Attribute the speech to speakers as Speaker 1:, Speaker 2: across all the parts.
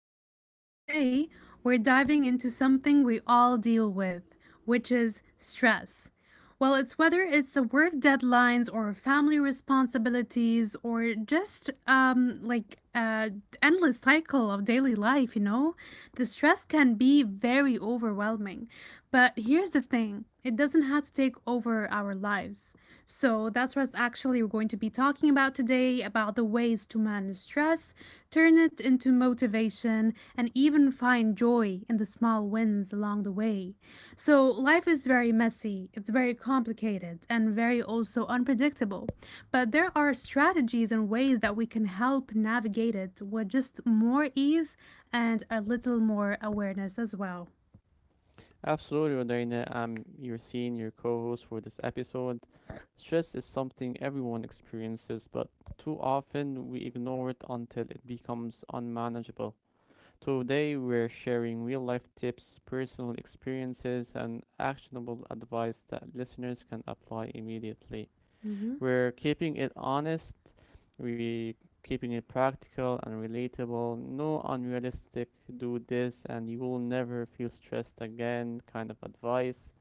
Speaker 1: Rodina, and today we're diving into something we all deal with, which is stress. Well, it's whether it's the work deadlines or family responsibilities or just endless cycle of daily life, the stress can be very overwhelming. But here's the thing it doesn't have to take over our lives. So that's what's actually we're going to be talking about today about the ways to manage stress, turn it into motivation, and even find joy in the small wins along the way. So life is very messy, it's very complicated, and very also unpredictable. But there are strategies and ways that we can help navigate it with just more ease and a little more awareness as well.
Speaker 2: Absolutely, Rodina. I'm your senior co host for this episode. Stress is something everyone experiences, but too often we ignore it until it becomes unmanageable. Today, we're sharing real life tips, personal experiences, and actionable advice that listeners can apply immediately.
Speaker 1: Mm-hmm.
Speaker 2: We're keeping it honest, we are keeping it practical and relatable, no unrealistic do this and you will never feel stressed again kind of advice.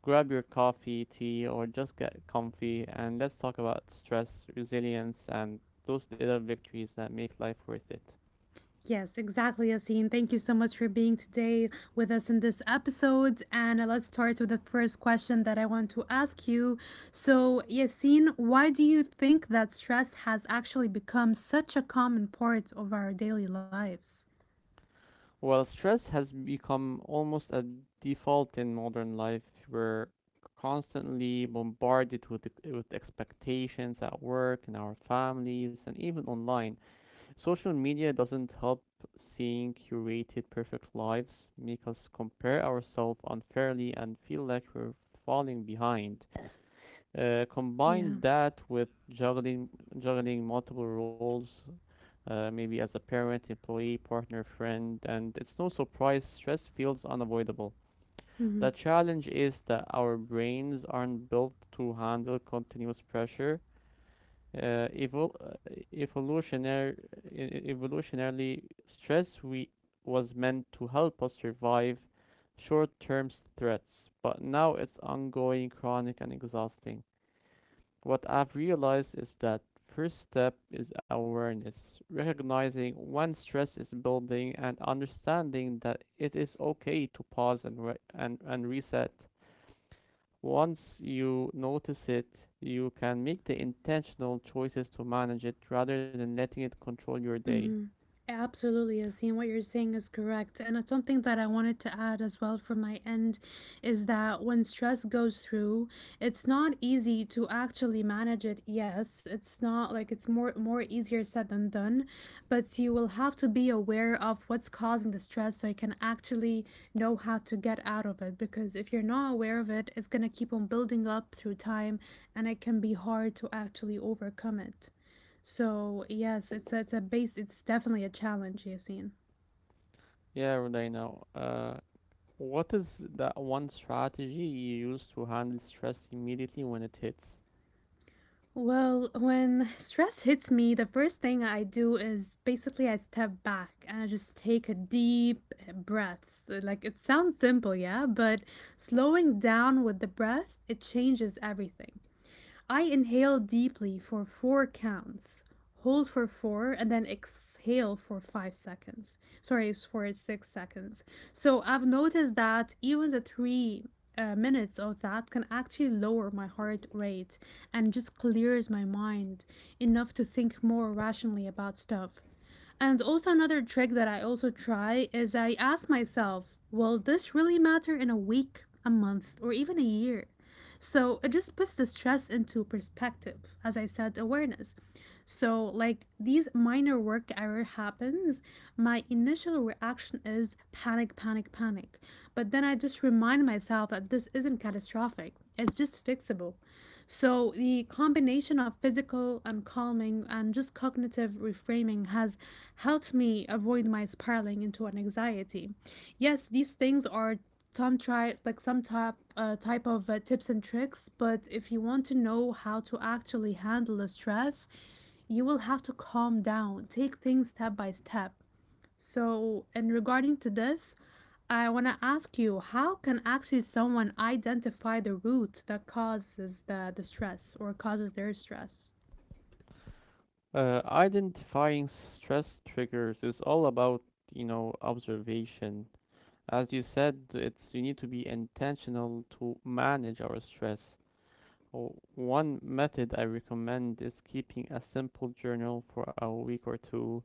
Speaker 2: Grab your coffee, tea, or just get comfy and let's talk about stress, resilience, and those little victories that make life worth it.
Speaker 1: Yes, exactly, Yassine. Thank you so much for being today with us in this episode. And let's start with the first question that I want to ask you. So, Yassine, why do you think that stress has actually become such a common part of our daily lives?
Speaker 2: Well, stress has become almost a default in modern life. We're constantly bombarded with expectations at work, in our families, and even online. Social media doesn't help seeing curated perfect lives, make us compare ourselves unfairly and feel like we're falling behind.
Speaker 1: Yeah.
Speaker 2: Combine that with juggling multiple roles, maybe as a parent, employee, partner, friend, and it's no surprise stress feels unavoidable. The challenge is that our brains aren't built to handle continuous pressure. Uh, evol- uh, evolutionary, Evolutionarily, stress we was meant to help us survive short-term threats, but now it's ongoing, chronic, and exhausting. What I've realized is that first step is awareness, recognizing when stress is building and understanding that it is okay to pause and reset. Once you notice it, you can make the intentional choices to manage it rather than letting it control your day.
Speaker 1: Mhm. It absolutely is. And what you're saying is correct. And it's something that I wanted to add as well from my end is that when stress goes through, it's not easy to actually manage it. Yes, it's not like it's more easier said than done, but you will have to be aware of what's causing the stress so you can actually know how to get out of it because if you're not aware of it, it's going to keep on building up through time and it can be hard to actually overcome it. So, yes, it's a base it's definitely a challenge, Yasin.
Speaker 2: Yeah, Rodina, what is that one strategy you use to handle stress immediately when it hits?
Speaker 1: Well, when stress hits me, the first thing I do is basically I step back and I just take a deep breath. Like it sounds simple, yeah, but slowing down with the breath, it changes everything. I inhale deeply for four counts, hold for four, and then exhale for five seconds. Sorry, it's for six seconds. So I've noticed that even the three minutes of that can actually lower my heart rate and just clears my mind enough to think more rationally about stuff. And also, another trick that I also try is I ask myself, will this really matter in a week, a month, or even a year? So it just puts the stress into perspective, as I said, awareness. So, like these minor work error happens, my initial reaction is panic, panic, panic. But then I just remind myself that this isn't catastrophic, it's just fixable. So, the combination of physical and calming and just cognitive reframing has helped me avoid my spiraling into an anxiety. Yes, these things are some try like some type of tips and tricks, but if you want to know how to actually handle the stress, you will have to calm down, take things step by step. So, in regarding to this, I want to ask you, how can actually someone identify the root that causes the stress or causes their stress?
Speaker 2: Identifying stress triggers is all about, you know, observation. As you said, it's you need to be intentional to manage our stress. One method I recommend is keeping a simple journal for a week or two.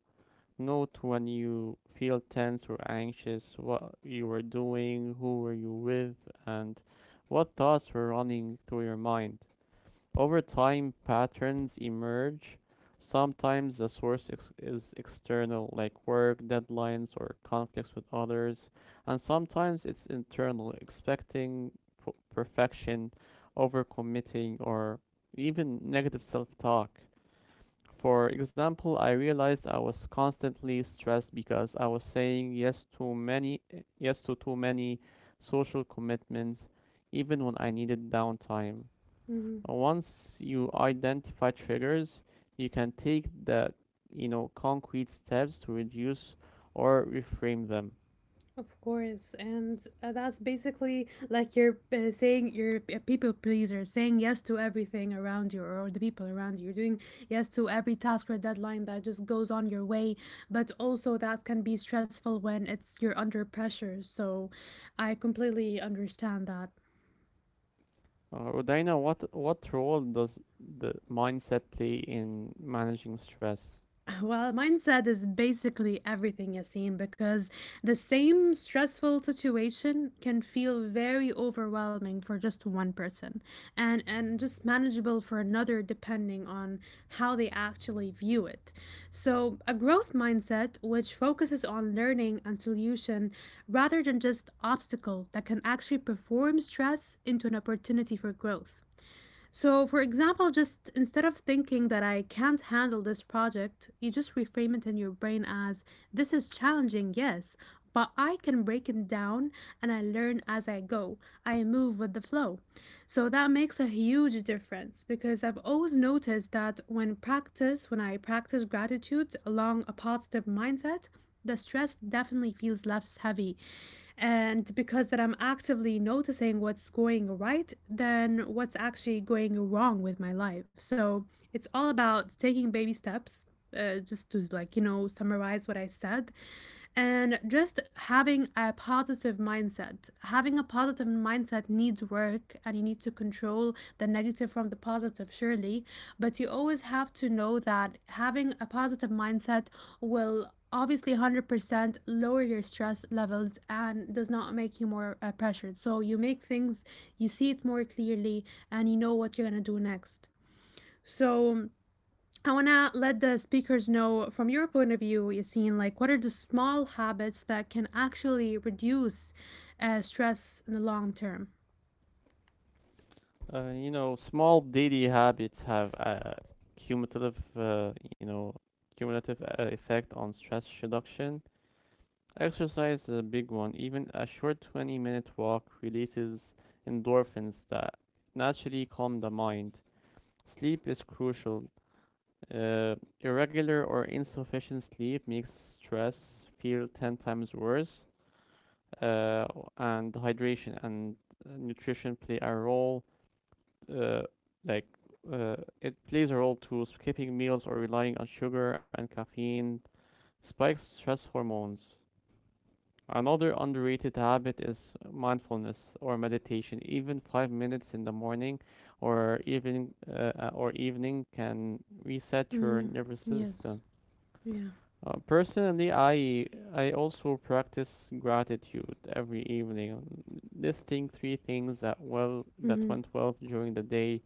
Speaker 2: Note when you feel tense or anxious, what you were doing, who were you with, and what thoughts were running through your mind. Over time, patterns emerge. Sometimes the source is external, like work, deadlines, or conflicts with others, and sometimes it's internal, expecting perfection, overcommitting, or even negative self talk. For example, I realized I was constantly stressed because I was saying yes to too many social commitments even when I needed downtime.
Speaker 1: Mhm.
Speaker 2: Once you identify triggers, you can take the you know concrete steps to reduce or reframe them.
Speaker 1: Of course, and that's basically like you're saying you're a people pleaser, saying yes to everything around you or the people around you. You're doing yes to every task or deadline that just goes on your way, but also that can be stressful when it's you're under pressure. So, I completely understand that.
Speaker 2: Rodina, what role does the mindset play in managing stress?
Speaker 1: Well, mindset is basically everything, Yasim, because the same stressful situation can feel very overwhelming for just one person and just manageable for another depending on how they actually view it. So, a growth mindset, which focuses on learning and solution rather than just obstacle, that can actually perform stress into an opportunity for growth. So, for example, just instead of thinking that I can't handle this project, you just reframe it in your brain as this is challenging, yes, but I can break it down and I learn as I go. I move with the flow. So, that makes a huge difference because I've always noticed that when practice, when I practice gratitude along a positive mindset, the stress definitely feels less heavy. And because that I'm actively noticing what's going right than what's actually going wrong with my life. So it's all about taking baby steps. Just to like you know summarize what I said, and just having a positive mindset having a positive mindset needs work and you need to control the negative from the positive surely but you always have to know that having a positive mindset will obviously 100% lower your stress levels and does not make you more pressured so you make things you see it more clearly and you know what you're going to do next so I want to let the speakers know from your point of view, Yassine, like what are the small habits that can actually reduce stress in the long term?
Speaker 2: You know, small daily habits have a cumulative, uh, you know, cumulative effect on stress reduction. Exercise is a big one. Even a short 20-minute walk releases endorphins that naturally calm the mind. Sleep is crucial. Irregular or insufficient sleep makes stress feel 10 times worse. Uh, and hydration and nutrition play a role. Uh, like, it plays a role too. Skipping meals or relying on sugar and caffeine spikes stress hormones. Another underrated habit is mindfulness or meditation. Even 5 minutes in the morning or even or evening can reset your
Speaker 1: Mm,
Speaker 2: nervous system.
Speaker 1: yes. Yeah.
Speaker 2: Personally, I also practice gratitude every evening, listing three things that that
Speaker 1: Hmm.
Speaker 2: went well during the day,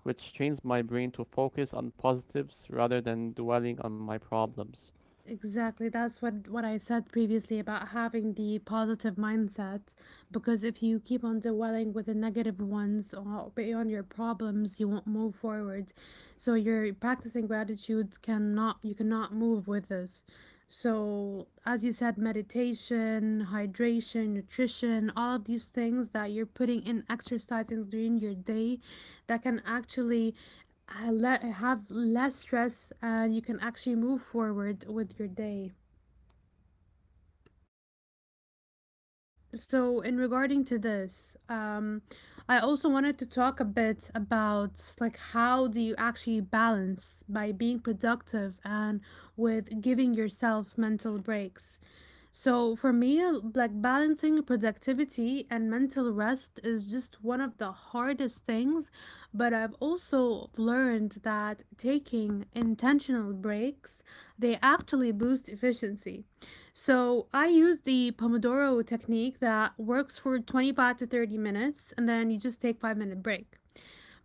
Speaker 2: which trains my brain to focus on positives rather than dwelling on my problems.
Speaker 1: Exactly. That's what I said previously about having the positive mindset because if you keep on dwelling with the negative ones or beyond your problems, you won't move forward. So you're practicing gratitude cannot you cannot move with this. So as you said, meditation, hydration, nutrition, all of these things that you're putting in exercising during your day that can actually have less stress and you can actually move forward with your day. So, in regarding to this, I also wanted to talk a bit about like how do you actually balance by being productive and with giving yourself mental breaks. So, for me, like balancing productivity and mental rest is just one of the hardest things, but I've also learned that taking intentional breaks, they actually boost efficiency. So I use the Pomodoro technique that works for 25 to 30 minutes, and then you just take five-minute break.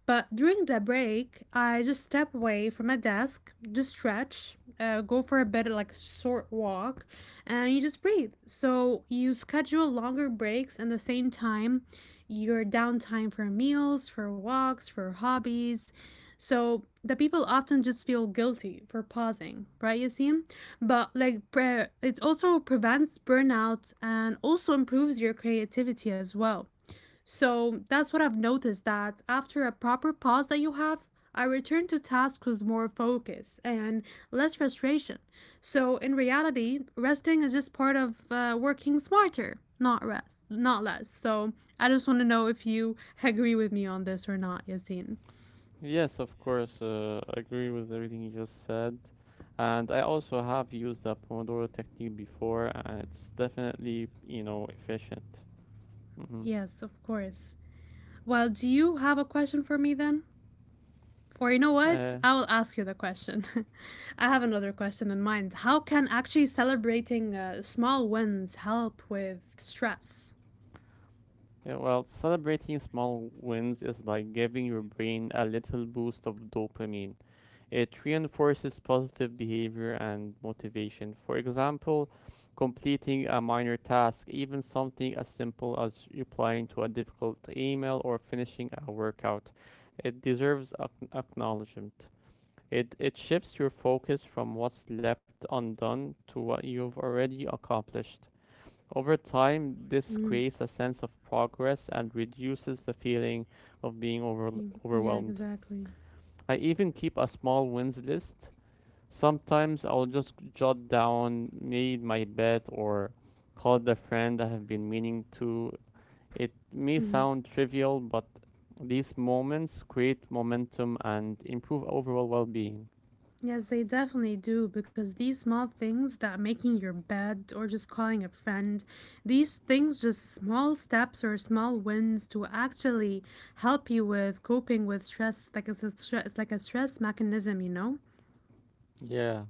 Speaker 1: But during the break, I just step away from my desk, just stretch, go for a bit of like short walk, and you just breathe. So you schedule longer breaks and the same time, your downtime for meals, for walks, for hobbies. So the people often just feel guilty for pausing, right? You see, but like it also prevents burnout and also improves your creativity as well. So that's what I've noticed that after a proper pause that you have, I return to tasks with more focus and less frustration. So in reality, resting is just part of working smarter, not rest, not less. So I just want to know if you agree with me on this or not, Yasin.
Speaker 2: Yes, of course. I agree with everything you just said. And I also have used the Pomodoro technique before, and it's definitely, you know, efficient. Hmm.
Speaker 1: Yes, of course. Well, do you have a question for me then? Or you know what?
Speaker 2: Uh,
Speaker 1: I will ask you the question. I have another question in mind. How can actually celebrating small wins help with stress?
Speaker 2: yeah, well, celebrating small wins is like giving your brain a little boost of dopamine. It reinforces positive behavior and motivation. For example, completing a minor task, even something as simple as replying to a difficult email or finishing a workout. It deserves acknowledgement. It shifts your focus from what's left undone to what you've already accomplished. Over time, this
Speaker 1: Mm,
Speaker 2: creates a sense of progress and reduces the feeling of
Speaker 1: yeah,
Speaker 2: overwhelmed.
Speaker 1: exactly.
Speaker 2: I even keep a small wins list. Sometimes I'll just jot down made my bet or call the friend I have been meaning to. It may
Speaker 1: Mm.
Speaker 2: sound trivial, but these moments create momentum and improve overall well-being.
Speaker 1: Yes, they definitely do because these small things that making your bed or just calling a friend, these things just small steps or small wins to actually help you with coping with stress like it's a stress like a stress mechanism, you know?
Speaker 2: Yeah.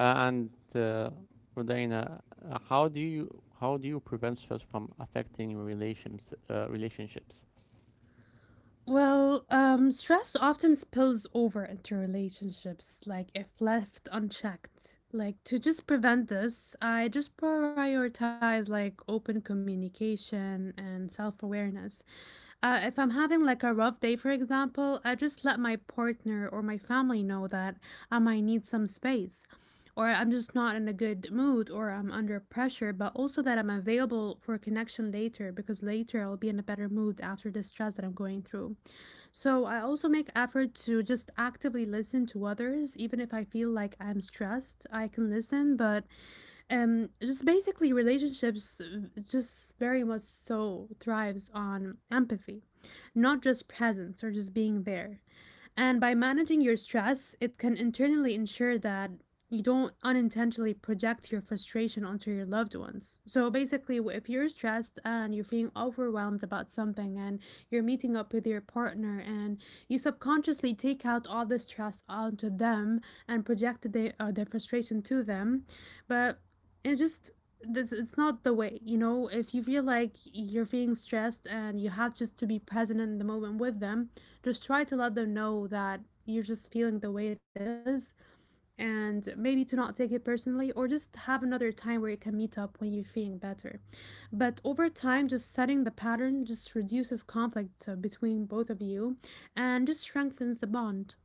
Speaker 2: And Rodina, how do you prevent stress from affecting your relationships?
Speaker 1: Well, stress often spills over into relationships, like if left unchecked. Like to just prevent this, I just prioritize like open communication and self awareness. If I'm having like a rough day, for example, I just let my partner or my family know that I might need some space, or I'm just not in a good mood, or I'm under pressure, but also that I'm available for connection later because later I'll be in a better mood after the stress that I'm going through. So I also make effort to just actively listen to others, even if I feel like I'm stressed. I can listen, but just basically relationships just very much so thrives on empathy, not just presence or just being there. And by managing your stress, it can internally ensure that you don't unintentionally project your frustration onto your loved ones. So basically, if you're stressed and you're feeling overwhelmed about something and you're meeting up with your partner and you subconsciously take out all the stress onto them and project their frustration to them, but it just this it's not the way you know if you feel like you're feeling stressed and you have just to be present in the moment with them just try to let them know that you're just feeling the way it is and maybe to not take it personally or just have another time where you can meet up when you're feeling better. But over time, just setting the pattern just reduces conflict between both of you and just strengthens the bond.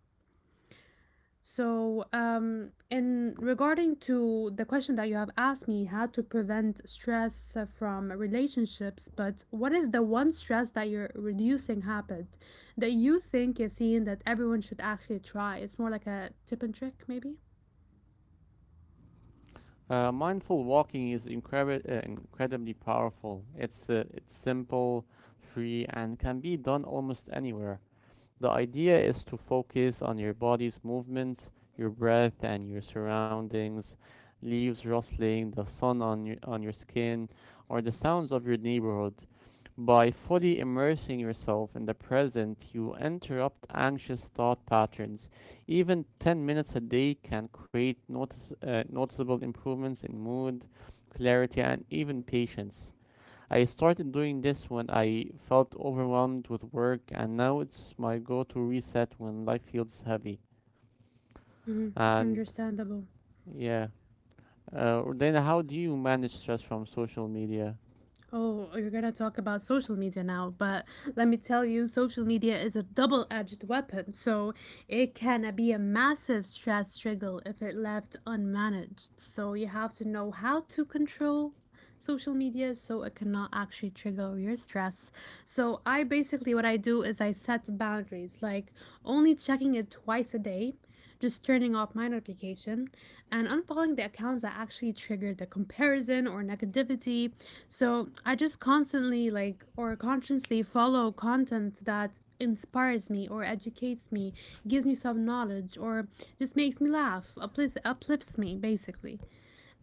Speaker 1: So in regarding to the question that you have asked me, how to prevent stress from relationships, but what is the one stress that you're reducing habit that you think is seen that everyone should actually try? It's more like a tip and trick, maybe?
Speaker 2: Mindful walking is incredibly powerful. It's simple, free, and can be done almost anywhere. The idea is to focus on your body's movements, your breath, and your surroundings. Leaves rustling, the sun on your skin, or the sounds of your neighborhood. By fully immersing yourself in the present, you interrupt anxious thought patterns. Even 10 minutes a day can create noticeable improvements in mood, clarity, and even patience. I started doing this when I felt overwhelmed with work, and now it's my go to reset when life feels heavy.
Speaker 1: Mm-hmm.
Speaker 2: And
Speaker 1: Understandable.
Speaker 2: yeah. Then, how do you manage stress from social media?
Speaker 1: Oh, you're gonna talk about social media now, but let me tell you, social media is a double edged weapon, so it can be a massive stress struggle if it left unmanaged. So you have to know how to control social media so it cannot actually trigger your stress. So I basically what I do is I set boundaries, like only checking it twice a day, just turning off my notification and unfollowing the accounts that actually trigger the comparison or negativity so I just constantly like or consciously follow content that inspires me or educates me, gives me some knowledge or just makes me laugh, uplifts, uplifts me basically.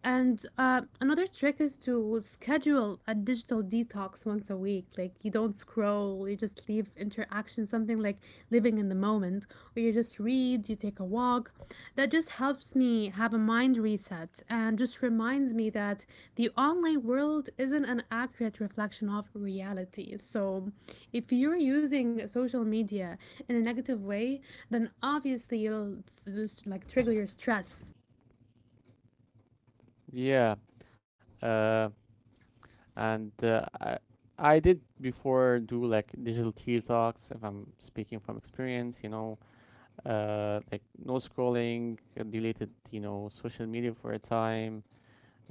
Speaker 1: And another trick is to schedule a digital detox once a week. Like you don't scroll, you just leave interaction, something like living in the moment, or you just read, you take a walk. That just helps me have a mind reset and just reminds me that the online world isn't an accurate reflection of reality. So if you're using social media in a negative way, then obviously you'll like trigger your stress.
Speaker 2: Yeah. Uh, and uh, I, I did before do like digital detox, if I'm speaking from experience, you know, like no scrolling, deleted, you know, social media for a time.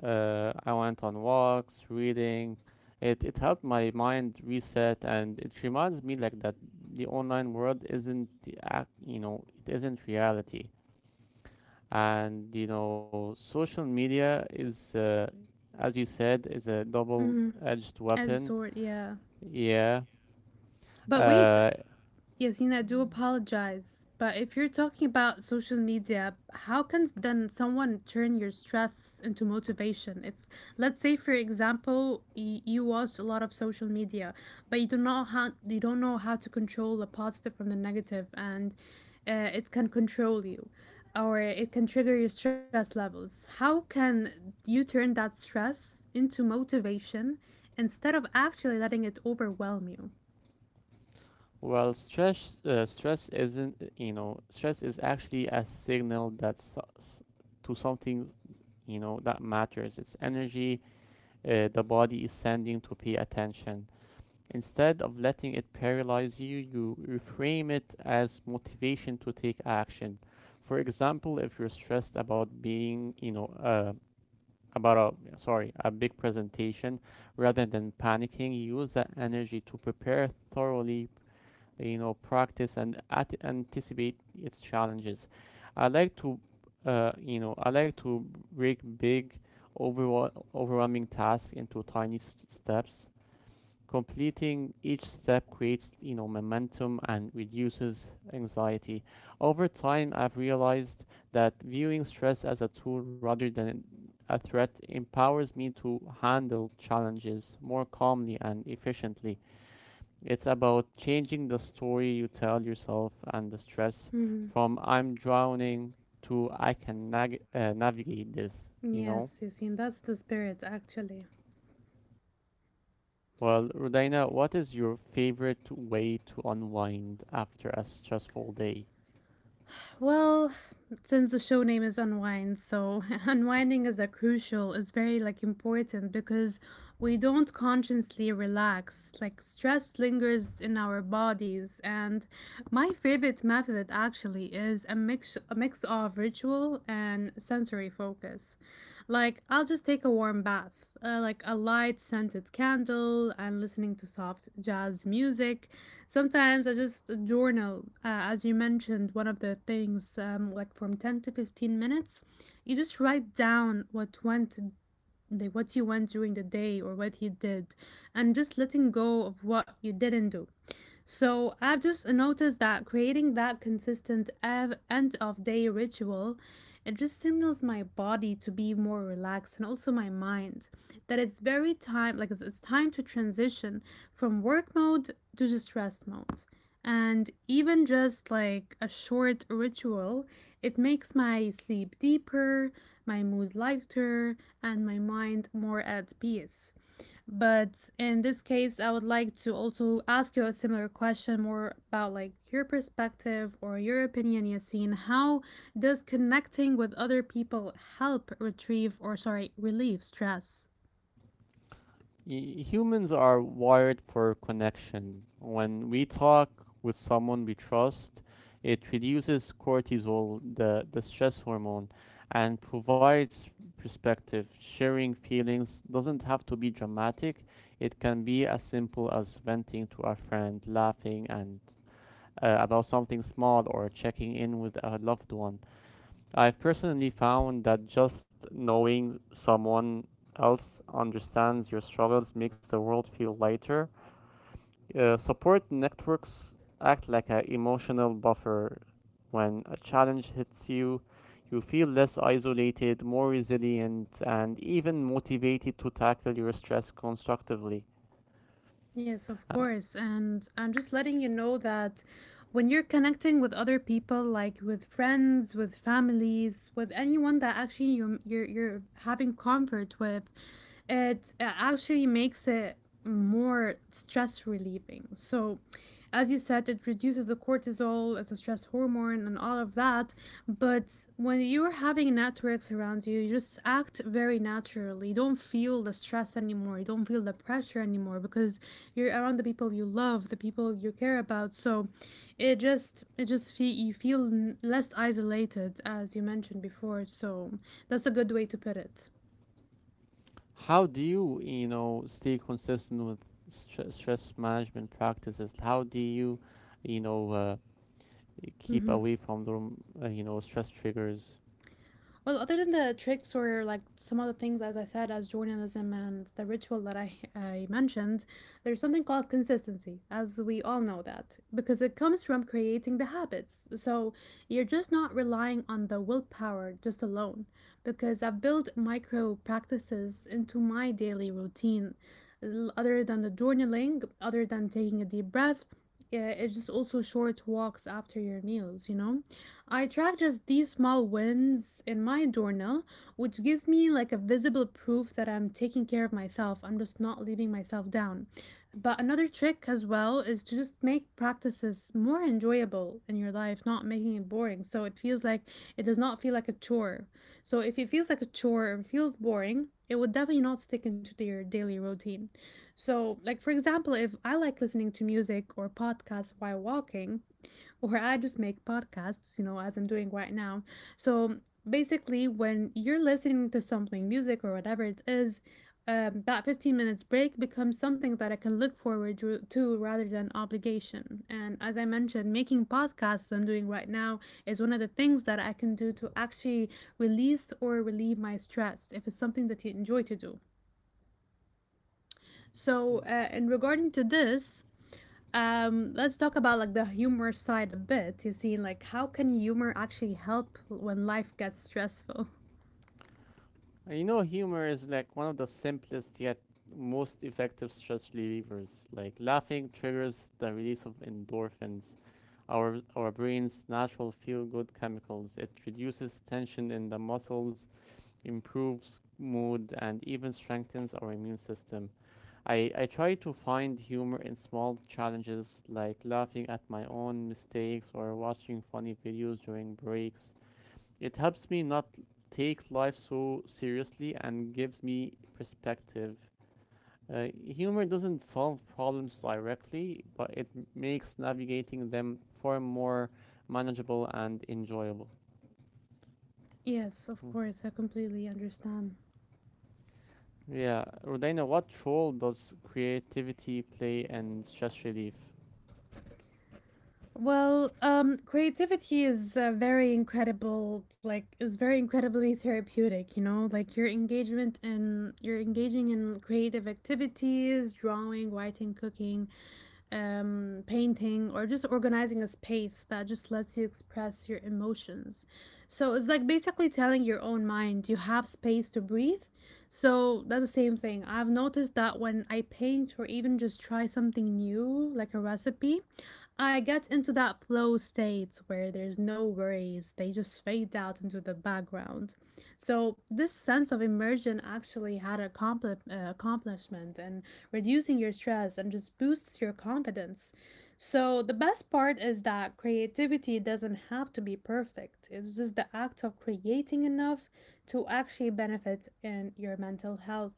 Speaker 2: I went on walks, reading. It helped my mind reset, and it reminds me like that the online world isn't the act, you know, it isn't reality. And you know, social media is, as you said, is a
Speaker 1: Mm-hmm.
Speaker 2: double-edged
Speaker 1: As a
Speaker 2: weapon.
Speaker 1: sort, yeah.
Speaker 2: Yeah.
Speaker 1: But wait,
Speaker 2: Uh,
Speaker 1: Yasin, I do apologize. But if you're talking about social media, how can then someone turn your stress into motivation? If, let's say, for example, you watch a lot of social media, but you don't know how to control the positive from the negative, and it can control you, or it can trigger your stress levels. How can you turn that stress into motivation instead of actually letting it overwhelm you?
Speaker 2: Stress isn't, you know, stress is actually a signal that's to something, you know, that matters. It's energy the body is sending to pay attention. Instead of letting it paralyze you, you reframe it as motivation to take action. For example, if you're stressed about being, you know, about a sorry, a big presentation, rather than panicking, use that energy to prepare thoroughly, you know, practice and anticipate its challenges. i like to I like to break big overall overwhelming tasks into tiny steps. Completing each step creates, you know, momentum and reduces anxiety. Over time, I've realized that viewing stress as a tool rather than a threat empowers me to handle challenges more calmly and efficiently. It's about changing the story you tell yourself and the stress, from I'm drowning to I can navigate this, you know?
Speaker 1: Yes, Yasin, that's the spirit, actually.
Speaker 2: Well, Rudaina, what is your favorite way to unwind after a stressful day?
Speaker 1: Well, since the show name is Unwind, so unwinding is a crucial, is very like important because we don't consciously relax. Like stress lingers in our bodies, and my favorite method actually is a mix of ritual and sensory focus. Like, I'll just take a warm bath, like a light scented candle and listening to soft jazz music. Sometimes I just journal, as you mentioned, one of the things, like from 10 to 15 minutes. You just write down what went, like what you went during the day or what you did, and just letting go of what you didn't do. So I've just noticed that creating that consistent end of day ritual, it just signals my body to be more relaxed and also my mind that it's very time like it's time to transition from work mode to just rest mode. And even just like a short ritual, it makes my sleep deeper, my mood lighter, and my mind more at peace. But in this case, I would like to also ask you a similar question more about like your perspective or your opinion, Yasin. How does connecting with other people help retrieve or sorry, relieve stress?
Speaker 2: Humans are wired for connection. When we talk with someone we trust, it reduces cortisol, the stress hormone, and provides perspective. Sharing feelings doesn't have to be dramatic, it can be as simple as venting to a friend, laughing and about something small, or checking in with a loved one. I've personally found that just knowing someone else understands your struggles makes the world feel lighter. Support networks act like an emotional buffer. When a challenge hits you, you feel less isolated, more resilient, and even motivated to tackle your stress constructively.
Speaker 1: Yes, of
Speaker 2: Uh,
Speaker 1: course. And I'm just letting you know that when you're connecting with other people, like with friends, with families, with anyone that actually you're having comfort with, it actually makes it more stress relieving. So as you said, it reduces the cortisol, it's a stress hormone, and all of that. But when you're having networks around you, you just act very naturally. You don't feel the stress anymore. You don't feel the pressure anymore because you're around the people you love, the people you care about. So it just feel you feel less isolated, as you mentioned before. So that's a good way to put it.
Speaker 2: how do you, you know, stay consistent with stress management practices? How do you, you know, keep
Speaker 1: Mm-hmm.
Speaker 2: away from the you know stress triggers.
Speaker 1: Well, other than the tricks or like some other things, as I said, as journalism and the ritual that I mentioned, there's something called consistency, as we all know that, because it comes from creating the habits. So you're just not relying on the willpower just alone, because I've built micro practices into my daily routine. Other than the journaling, other than taking a deep breath, yeah, it's just also short walks after your meals, you know? I track just these small wins in my journal, which gives me like a visible proof that I'm taking care of myself. I'm just not leaving myself down. But another trick as well is to just make practices more enjoyable in your life, not making it boring. So it feels like it does not feel like a chore. So if it feels like a chore or feels boring, it would definitely not stick into your daily routine. So, like for example, if I like listening to music or podcasts while walking, or I just make podcasts, you know, as I'm doing right now. So basically, when you're listening to something, music or whatever it is, that 15 minutes break becomes something that I can look forward to, rather than obligation. And as I mentioned, making podcasts I'm doing right now is one of the things that I can do to actually release or relieve my stress if it's something that you enjoy to do. So,
Speaker 2: Uh,
Speaker 1: in regarding to this, let's talk about like the humor side a bit. You see, like how can humor actually help when life gets stressful?
Speaker 2: You know, humor is like one of the simplest yet most effective stress relievers. Like laughing triggers the release of endorphins, our brain's natural feel-good chemicals. It reduces tension in the muscles, improves mood, and even strengthens our immune system. I try to find humor in small challenges like laughing at my own mistakes or watching funny videos during breaks. It helps me not take life so seriously and gives me perspective. Humor doesn't solve problems directly, but it makes navigating them far more manageable and enjoyable.
Speaker 1: Yes, of
Speaker 2: Mm.
Speaker 1: course, I completely understand.
Speaker 2: Yeah, Rodina, what role does creativity play in stress relief?
Speaker 1: Well, creativity is very incredible, like is very incredibly therapeutic, you know, like your engagement and you're engaging in creative activities, drawing, writing, cooking, painting, or just organizing a space that just lets you express your emotions. So it's like basically telling your own mind you have space to breathe. So that's the same thing. I've noticed that when I paint or even just try something new, like a recipe, I get into that flow state where there's no worries, they just fade out into the background. So, this sense of immersion actually had a accomplishment in reducing your stress and just boosts your confidence. So, the best part is that creativity doesn't have to be perfect, it's just the act of creating enough to actually benefit in your mental health.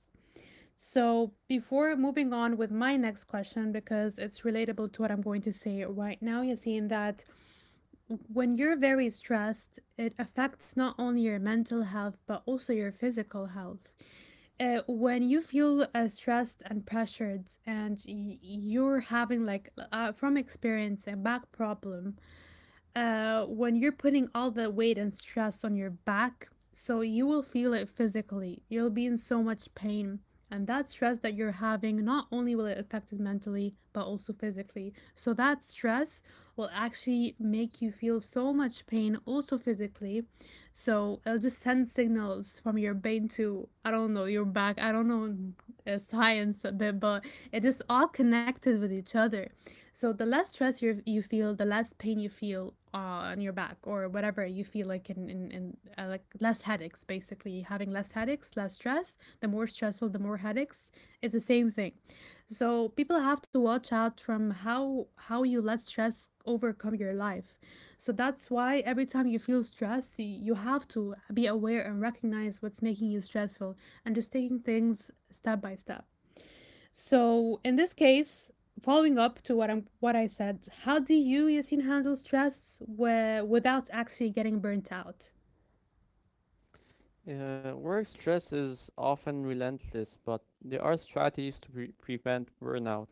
Speaker 1: So, before moving on with my next question, because it's relatable to what I'm going to say right now, Yassine, that when you're very stressed, it affects not only your mental health, but also your physical health. When you feel stressed and pressured, and you're having, like, from experience, a back problem, when you're putting all the weight and stress on your back, so you will feel it physically. You'll be in so much pain. And that stress that you're having, not only will it affect it mentally, but also physically. So that stress will actually make you feel so much pain, also physically. So it'll just send signals from your brain to, I don't know, your back. I don't know science a bit, but it just all connected with each other. So the less stress you feel, the less pain you feel on your back or whatever you feel like in like less headaches. Basically, having less headaches, less stress. The more stressful, the more headaches. It's the same thing. So people have to watch out from how you let stress overcome your life. So that's why every time you feel stress, you have to be aware and recognize what's making you stressful and just taking things step by step. So in this case, following up to what I said, how do you, Yassine, handle stress where, without actually getting burnt out?
Speaker 2: Work stress is often relentless, but there are strategies to prevent burnout.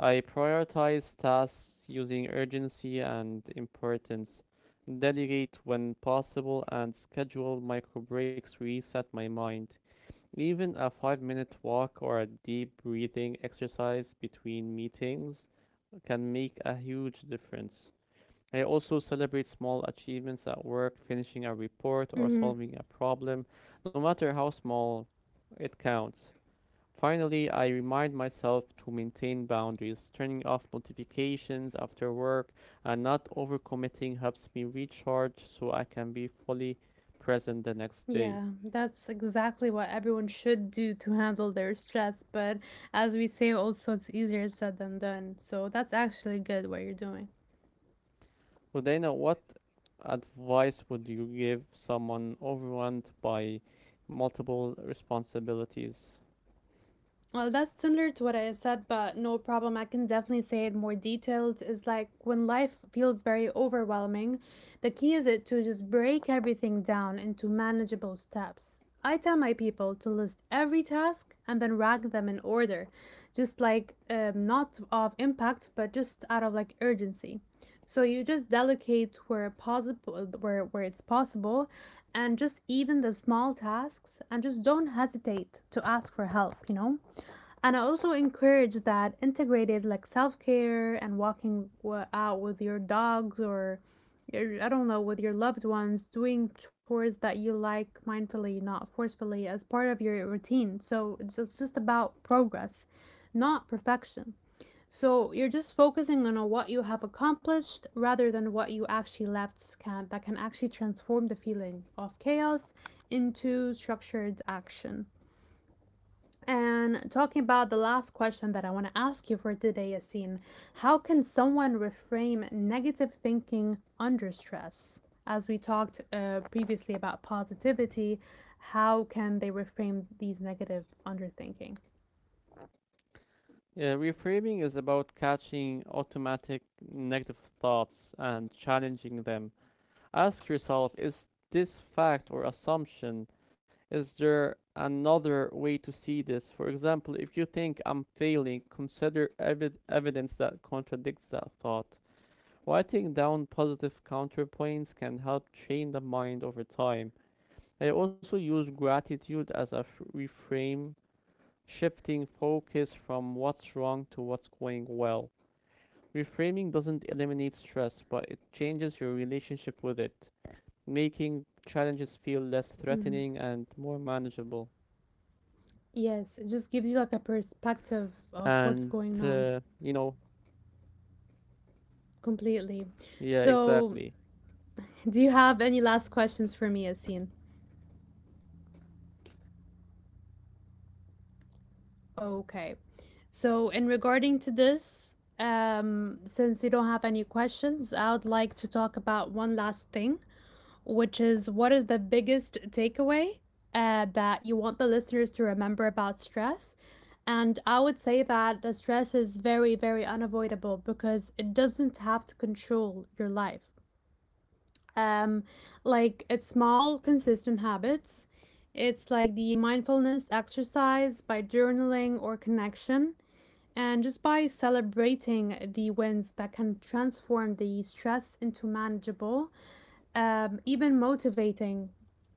Speaker 2: I prioritize tasks using urgency and importance, delegate when possible, and schedule micro breaks to reset my mind. Even a 5 minute walk or a deep breathing exercise between meetings can make a huge difference. I also celebrate small achievements at work, finishing a report or
Speaker 1: Mm,
Speaker 2: solving a problem, no matter how small it counts. Finally, I remind myself to maintain boundaries. Turning off notifications after work and not overcommitting helps me recharge so I can be fully present the next day.
Speaker 1: yeah, that's exactly what everyone should do to handle their stress. But as we say, also, it's easier said than done. So that's actually good what you're doing.
Speaker 2: So, Dana, what advice would you give someone overwhelmed by multiple responsibilities?
Speaker 1: Well, that's similar to what I said, but no problem. I can definitely say it more detailed. Is like when life feels very overwhelming, the key is it to just break everything down into manageable steps. I tell my people to list every task and then rank them in order, just like not of impact, but just out of like urgency. So you just delegate where possible, where it's possible, and just even the small tasks, and just don't hesitate to ask for help. You know. And I also encourage that integrated like self care and walking out with your dogs or I don't know, with your loved ones, doing chores that you like mindfully, not forcefully, as part of your routine. So it's just about progress, not perfection. So you're just focusing on what you have accomplished rather than what you actually left can that can actually transform the feeling of chaos into structured action. And talking about the last question that I want to ask you for today, Yassine, how can someone reframe negative thinking under stress? As we talked previously about positivity, how can they reframe these negative underthinking?
Speaker 2: Reframing is about catching automatic negative thoughts and challenging them. Ask yourself, is this fact or assumption? Is there another way to see this? For example, if you think I'm failing, consider evidence that contradicts that thought. Writing down positive counterpoints can help train the mind over time. I also use gratitude as a reframe, shifting focus from what's wrong to what's going well. Reframing doesn't eliminate stress, but it changes your relationship with it, making challenges feel less
Speaker 1: Hmm.
Speaker 2: threatening and more manageable.
Speaker 1: Yes, it just
Speaker 2: And,
Speaker 1: gives you like a
Speaker 2: uh, you
Speaker 1: perspective
Speaker 2: know,
Speaker 1: of what's going on
Speaker 2: yeah,
Speaker 1: completely.
Speaker 2: exactly.
Speaker 1: So, do you have any last questions for me, Yassine? Okay. So, in regarding to this, since you don't have any questions, I would like to talk about one last thing, which is what is the biggest takeaway that you want the listeners to remember about stress? And I would say that the stress is very, very unavoidable because it doesn't have to control your life. Um, like it's small, consistent habits. It's like the mindfulness exercise by journaling or connection. And just by celebrating the wins that can transform the stress into manageable, even motivating.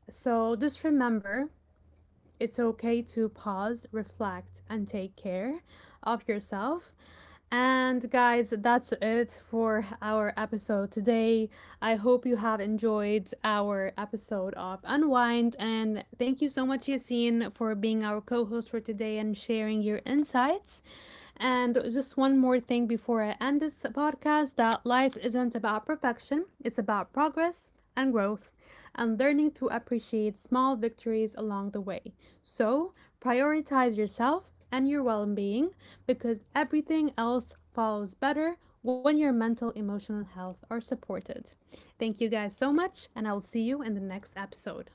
Speaker 1: So just remember it's okay to pause, reflect, and take care of yourself. And guys, that's it for our episode today. I hope you have enjoyed our episode of Unwind. And thank you so much, Yassine, for being our co host for today and sharing your insights. And just one more thing before I end this podcast that life isn't about perfection, it's about progress and growth and learning to appreciate small victories along the way. So, prioritize yourself and your well being because everything else follows better when your mental emotional health are supported. Thank you guys so much and I will see you in the next episode.